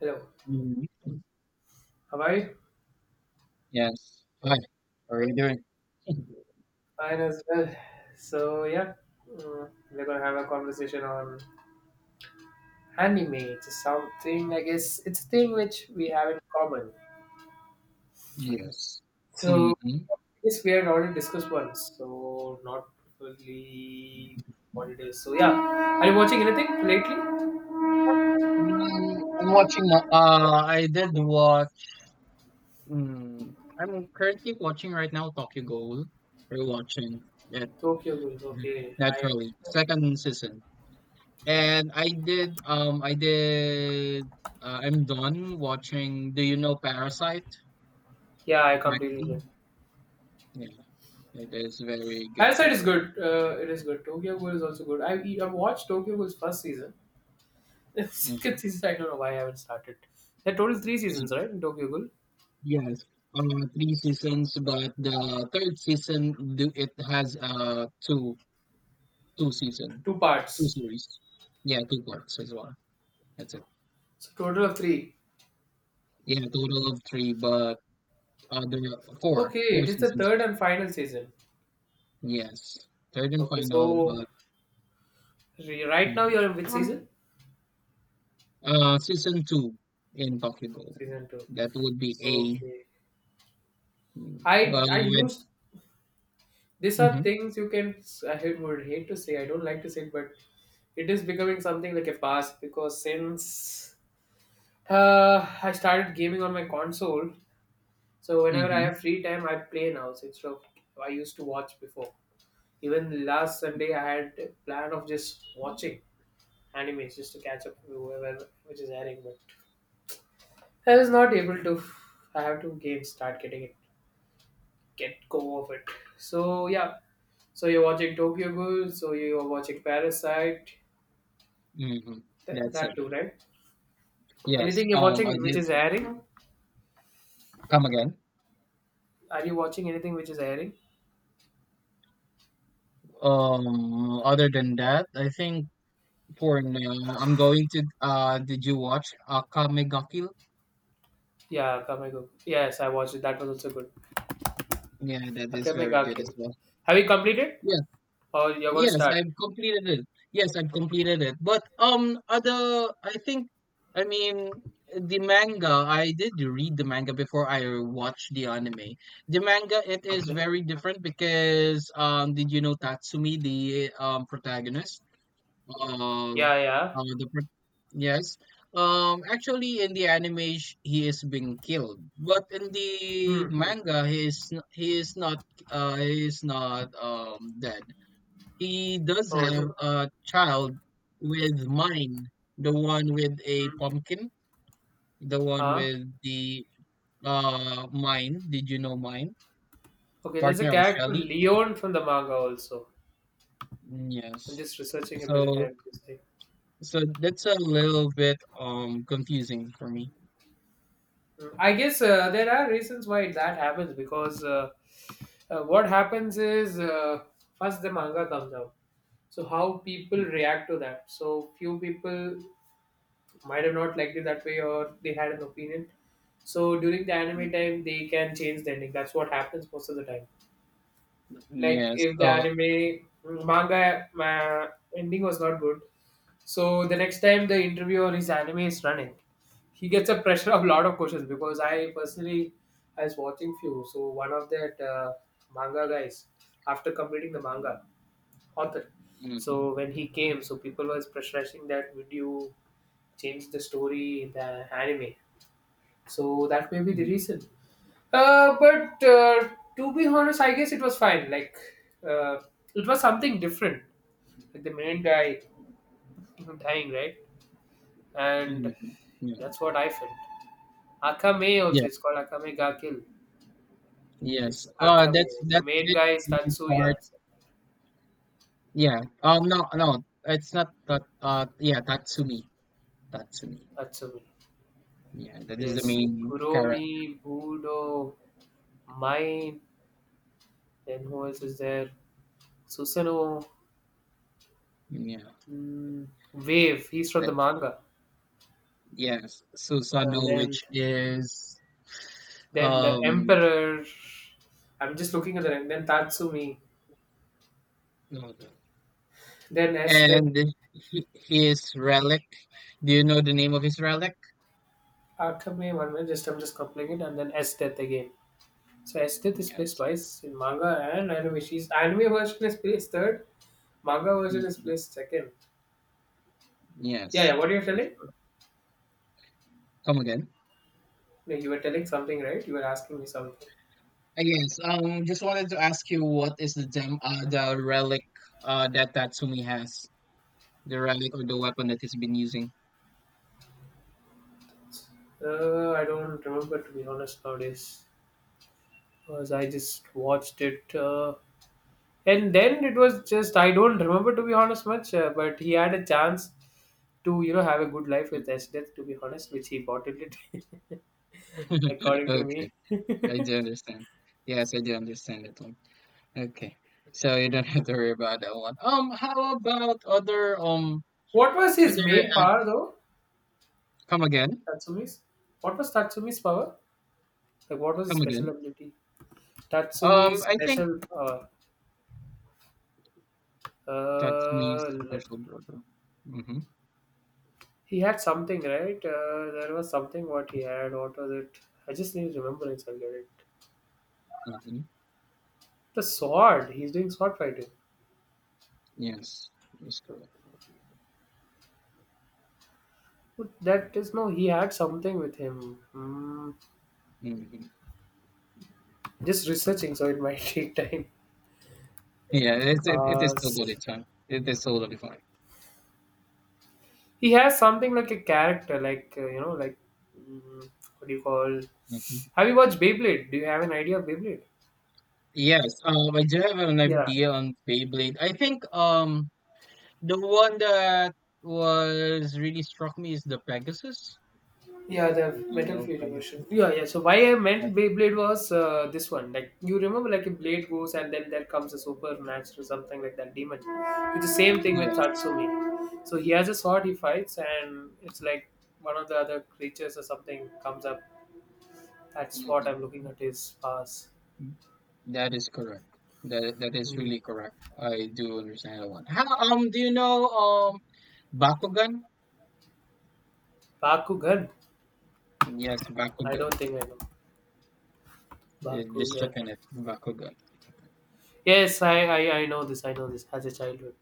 Hello, Mhm. how are you? Yes. Hi. How are you doing? Fine as well. So yeah, we're gonna have a conversation on anime. It's something I guess it's a thing which we have in common. Yes. So I Mm-hmm. guess we had already discussed once, so not really what it is. So yeah, are you watching anything lately? I'm watching. I did watch. I'm currently watching right now Tokyo Ghoul. We're watching it. Tokyo Ghouls. Mhm. Okay, I Naturally second season, and I did. I did. I'm done watching. Do you know Parasite? yeah, I completely Maxi? did. Yeah, it is very good Parasite as is well. good. It is good. Tokyo Ghoul is also good. I watched Tokyo Ghoul's first season. Mm-hmm. Second season, I don't know why I haven't started. There are total three seasons, right? In Tokyo Ghoul, Yes, uh, three seasons, but the third season do it has two season, two two parts, series. Yeah, two parts as well. That's it. so total of three. Yeah, total of three, but there are four Okay, four it is the seasons. third and final season. Yes, third and Okay, final, so but right now mhm. you're in which season? Season two in Tokyo Ghoul. Season two. That would be So a, okay, well, I when, used these are mm-hmm, things you can would hate to say. I don't like to say it, but it is becoming something like a past because since I started gaming on my console. So whenever I mm-hmm, have free time, I play now instead of I used to watch before. Even last Sunday, I had a plan of just watching animes just to catch up with whoever which is airing, but I was not able to. I have to again start getting it, get go of it. So yeah, so you're watching Tokyo Ghoul, so you're watching Parasite, mm-hmm. That's it. that too, right? Yes, Anything you're I watching which did. is airing? Come again. Are you watching anything which is airing? Other than that, I think for now I'm going to, did you watch Akame ga Kill? Yeah, Akame Go. Yes, I watched it. That was also good. Yeah, that is Akame very ga good as Kill. well. Have you completed? Yeah, Or you're gonna yes, start. I've completed it. Yes, I've completed it. But other, I think, I mean, the manga, I did read the manga before I watched the anime. The manga it is Okay. very different because did you know Tatsumi, the protagonist? Um, Yeah, yeah. uh, the pro- yes. Actually, in the anime, he is being killed, but in the Hmm, hmm. manga, he is not dead. He does Oh, is have it? a child with mine, the one with a Hmm. pumpkin, the one Huh? with the mine. Did you know mine? Okay, there's a Partner of character Shelly. Leon from the manga also. I'm Yes. just researching it by the So time you say. so that's a little bit confusing for me. Hmm. I guess there are reasons why that happens, because what happens is first the manga comes out. So how people Mm-hmm. react to that. So few people might have not liked it that way or they had an opinion. So during the Mm, anime time, they can change the ending. That's what happens most of the time. Like, yes. if the anime manga ending was not good, so the next time the interviewer, his anime is running, he gets a pressure of a lot of questions, because I personally, I was watching few, so one of that manga guys after completing the manga author, Mm, so when he came, so people was pressurizing that would you change the story in the anime, so that may be the mm, reason. But to be honest, I guess it was fine. Like, uh, it was something different. Like the main guy dying, right? mm, And yeah. that's what I felt. Akame also, Yeah. it's called Akame ga Kill. Yes. It's Akame. that's The that main is guy is the part. Tatsuya. Yeah. No. No. It's not that. Yeah. Tatsumi. Tatsumi. Tatsumi. Yeah. That is the Yes. main character. Kuromi, Budo, Mine. Then who else is there? Susanoo. Yeah. Mm, Wave. He's from the That, manga. yes. And Susanoo, then which is then the um, Emperor. I'm just looking at the rank. Then Tatsumi. Then S Death. and his relic. Do you know the name of his relic? Akame one minute, just I'm just coupling it, and then S Death again. So S Death is placed Yes. twice in manga and anime. She's anime version is placed third, manga version is Mhm. placed second. Yeah, Yes. yeah. What are you telling? Come again. No, you were telling something, right? You were asking me something. Yes, just wanted to ask you what is the gem, the relic, that Tatsumi has, the relic or the weapon that he's been using. I don't remember to be honest nowadays, because I just watched it, and then it was just I don't remember to be honest much. But he had a chance to have a good life with S Death, to be honest, which he bottled it, according to Okay, me. I do understand. Yes, I do understand that one. Okay, so you don't have to worry about that one. How about other um What was his other? main Uh, power though? Come again, Tatsumi's. What was Tatsumi's power? Like what was his come special again. ability? Tatsumi's I think special power. Tatsumi's Uh, let- special brother. Mm-hmm. he had something, right? There was something what he had. What was it? I just need to remember it, so I'll get it. Hmm, The sword. He's doing sword fighting. yes, that's correct. But that is no. He had something with him. Hmm, Just researching, so it might take time. yeah, it Uh, is totally s- fine. It is totally fine. he has something like a character, like mm, what do you call? Mhm. Have you watched Beyblade? Do you have an idea of Beyblade? Yes, I do have an Yeah, idea on Beyblade. I think the one that was really struck me is the Pegasus. yeah, the You Metal know, Fury version. Pegasus. Yeah, yeah. So why I Yes, meant Beyblade was this one. Like you remember, like a blade goes and then there comes a super match or something like that demon. It's the same thing with yes. Satsumi. So he has a sword, he fights, and it's like one of the other creatures or something comes up. That's what Mhm. I'm looking at his pass. That is correct. That is Hmm. really correct. I do understand that one. How do you know Bakugan? Bakugan. Yes, I Bakugan. don't think I know. Yeah, just Bakugan. checking it. Bakugan. Yes, I know this. I know this as a childhood.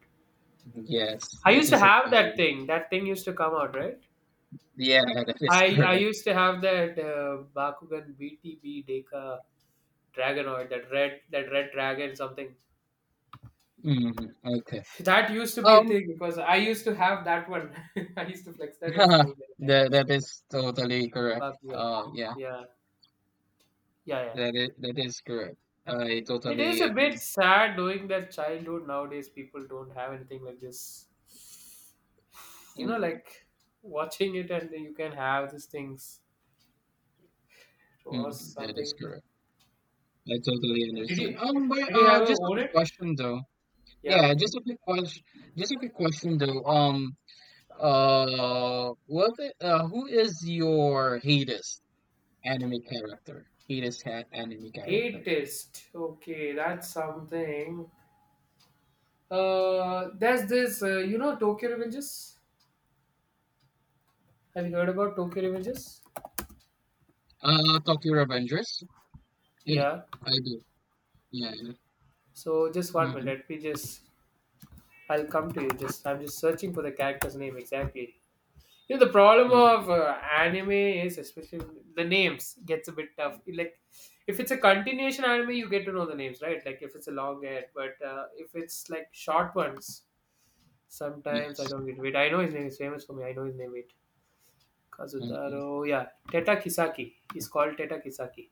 Yes, I it used to is a have that child. thing. That thing used to come out, right? Yeah, that is I correct. used to have that Bakugan BTB Deka Dragonoid, that red dragon something. Hmm. Okay. That used to be a Um, thing because I used to have that one. I used to flex that in school every time. I That used to that is go totally correct. Bakugan. Yeah, Yeah, yeah, yeah. that is correct. I It is totally a bit agree. sad knowing that childhood nowadays people don't have anything like this. You know, Mhm, like watching it and you can have these things, it was mhm. That is something. correct. I totally did you understand. But did you ever just a own quick it? question though. Yeah, Yeah, okay. just a quick question. Just a quick question though. What? Who is your Hades anime character? Hades hat anime character. Atheist, okay, that's something. There's this, Tokyo Revengers. Have you heard about Tokyo Revengers? Tokyo Revengers. Yeah, Yeah, I do. Yeah, yeah. so just one minute, Mm-hmm, let me just, I'll come to you. Just i'm just searching for the character's name exactly. You know the problem of mm-hmm, anime is, especially the names gets a bit tough. Like if it's a continuation anime, you get to know the names, right? Like if it's a long ad, but if it's like short ones, sometimes I yes. don't get. Wait, I know his name is famous for me. I know his name. Wait, Mm-hmm. Kazutaro. Yeah, Teta Kisaki. He's called Teta Kisaki.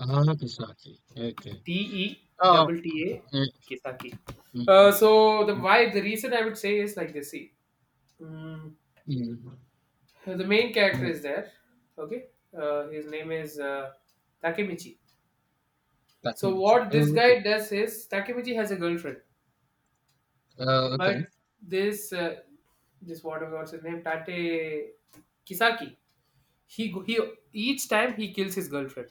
Ah, precisely. Okay. T E Oh, double T A mm, Kisaki. mm, So mm, the reason I would say is like this. See. Mm, mm, mm, So the main character mm, is there, okay. His name is Takemichi. So Takemichi. what this Oh, okay. guy does is Takemichi has a girlfriend, but Okay. this uh, this whatever what's his name, Tate Kisaki, he, each time he kills his girlfriend.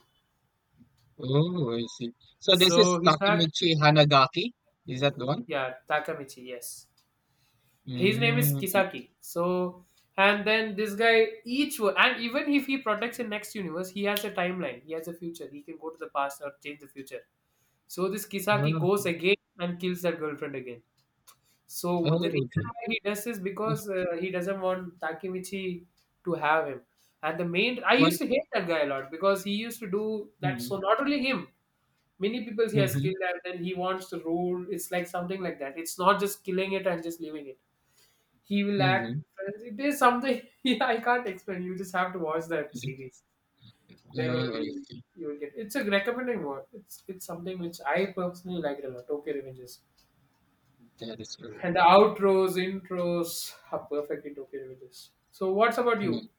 Oh, I see. So this is So Hisaki, Takemichi Hanagaki. Is that the one? yeah, Takamichi, yes. His name is Mm, Kisaki. So, and then this guy, each one, and even if he protects the next universe, he has a timeline. He has a future. He can go to the past or change the future. So this Kisaki goes oh, again and kills that girlfriend again. So the oh, reason okay. why he does is Uh, because he doesn't want Takemichi to have him. And the main, I what? used to hate that guy a lot because he used to do that. So Mm, not only him, many people he has mm-hmm, killed and then he wants to rule. It's like something like that. It's not just killing it and just leaving it. He will act. mm-hmm. It is something. Yeah, I can't explain. You just have to watch that series, then Oh, I only see. you will get. It's a recommended one. It's something which I personally like it a lot. Tokyo Revenges, That is correct. and the outros, intros are perfect in Tokyo Revenges. So what's about you? Right.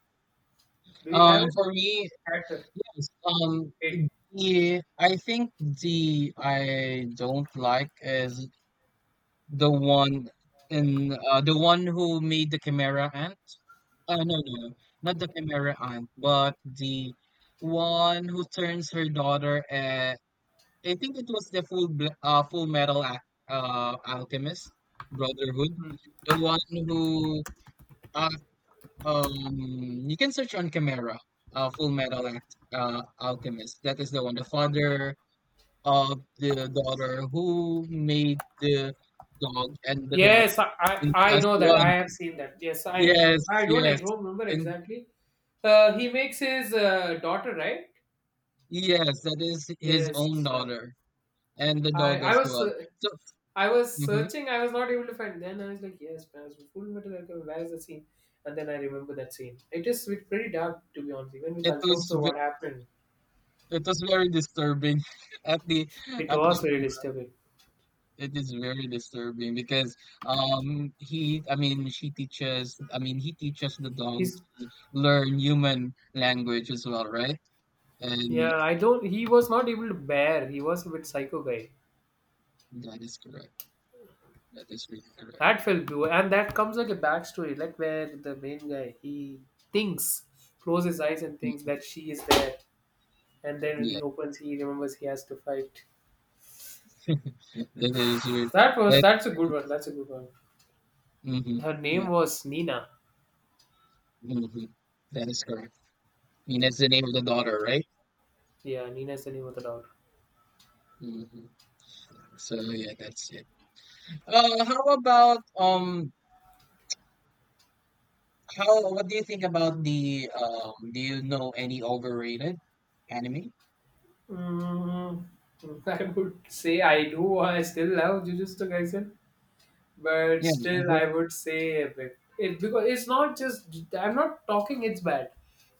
Do you have a For me, character? yes. Um, It, the I think the I don't like is The one the one who made the Chimera Ant? No, no, no, not the Chimera Ant, but the one who turns her daughter. I think it was the Full Metal Alchemist Brotherhood. The one who uh, um you can search on Chimera. Full Metal Act, Alchemist. That is the one. The father of the daughter who made the dog and the daughter. yes, I, I In I class know that. I one. have seen that. Yes, I remember. Yes, I don't yes. Remember And exactly. He makes his daughter, right. yes, that is his own Yes, uh, daughter and the I dog I as was. well. Uh, So I was hmm searching, I was not able to find. Then I was like, yes, Pants, Full Metal Alchemist, where is the scene? And then I remember that scene. It is pretty dark, to be honest. Even with it was Alfonso, ve- what happened? it was very disturbing at the It at was the very moment. disturbing. It is very disturbing because he, I mean, she teaches, I mean, he teaches the dog He's, to learn human language as well, right? And yeah, I don't, he was not able to bear. He was a bit psycho guy. that is correct. That is really correct. That felt blue. And that comes like a backstory, like where the main guy, he thinks, closes his eyes and thinks Mm, that she is there. And then when he yeah, opens, he remembers he has to fight. that is re- that is That's a good one. That's a good one. really, mm-hmm. Her Yeah. name was Nina. Mhm. That is correct. I mean, that's the name of the daughter, right? Yeah, Nina is the name of the dog. Mhm. So yeah, that's it. How about how what do you think about the? Do you know any overrated anime? Mm, I would say I do. I still love Jujutsu Kaisen, but Yeah, still over. I would say Epic. It because it's not just I'm not talking. It's bad.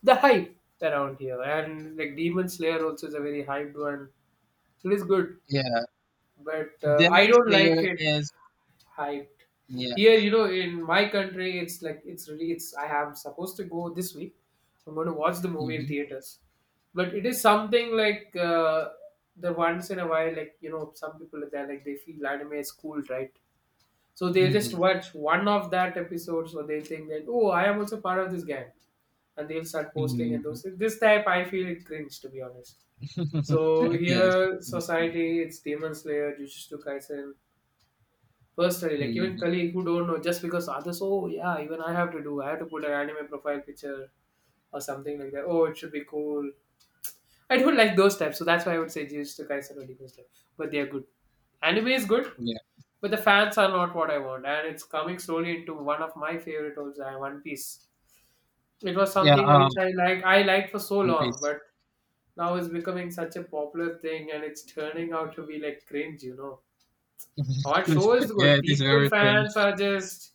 The hype around here and like Demon Slayer also is a very hyped one. It is good, Yeah, but I Demon don't like Slayer it. is, Hyped. yeah. Here, in my country, it's like it's really it's I am supposed to go this week. I'm going to watch the movie in Mm-hmm. theaters, but it is something like the once in a while, like some people are there, like they feel anime is cool, right? So they'll just Mm-hmm. watch one of that episode, so they think that, oh, I am also part of this gang, and they'll start posting and Mm-hmm. those things. This type, I feel it cringe to be honest. So Yes. here, society, it's Demon Slayer, Jujutsu Kaisen. Personally, like even Mm-hmm. colleague who don't know just because others, oh yeah, even I have to do. I have to put an anime profile picture or something like that. Oh, it should be cool. I don't like those types, so that's why I would say Jujutsu Kaisen or Demon Slayer. But they are good. Anime is good, Yeah. but the fans are not what I want, and it's coming slowly into one of my favorite also, One Piece. It was Yeah. something which I like. I liked for so One long, Piece. but now it's becoming such a popular thing, and it's turning out to be like cringe. What show is Yeah, good? it is People very fans cringe. are just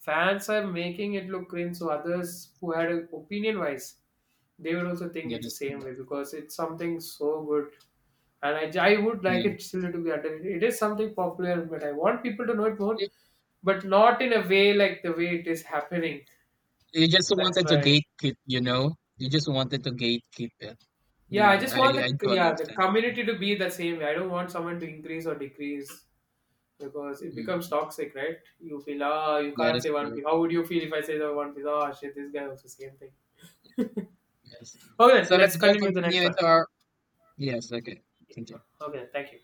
Fans are making it look green, so others who had an opinion wise, they would also think That it's the is same way correct. because it's something so good. And I would like Yeah. it still to be attended. It is something popular, but I want people to know it more, but not in a way like the way it is happening. You just That's wanted to why. gatekeep, you know? You just wanted to gatekeep it. Yeah, Yeah, I just want I the do yeah the understand. Mm, community to be the same way. I don't want someone to increase or decrease because it becomes mm. toxic, right? You feel ah, you That can't say is one piece. correct. How would you feel if I say that one piece? Ah, shit, this guy also same thing. Yes. Okay, then So let's let's go continue with the next continue one. into our. Yes, okay. Thank you. Okay, then, thank you.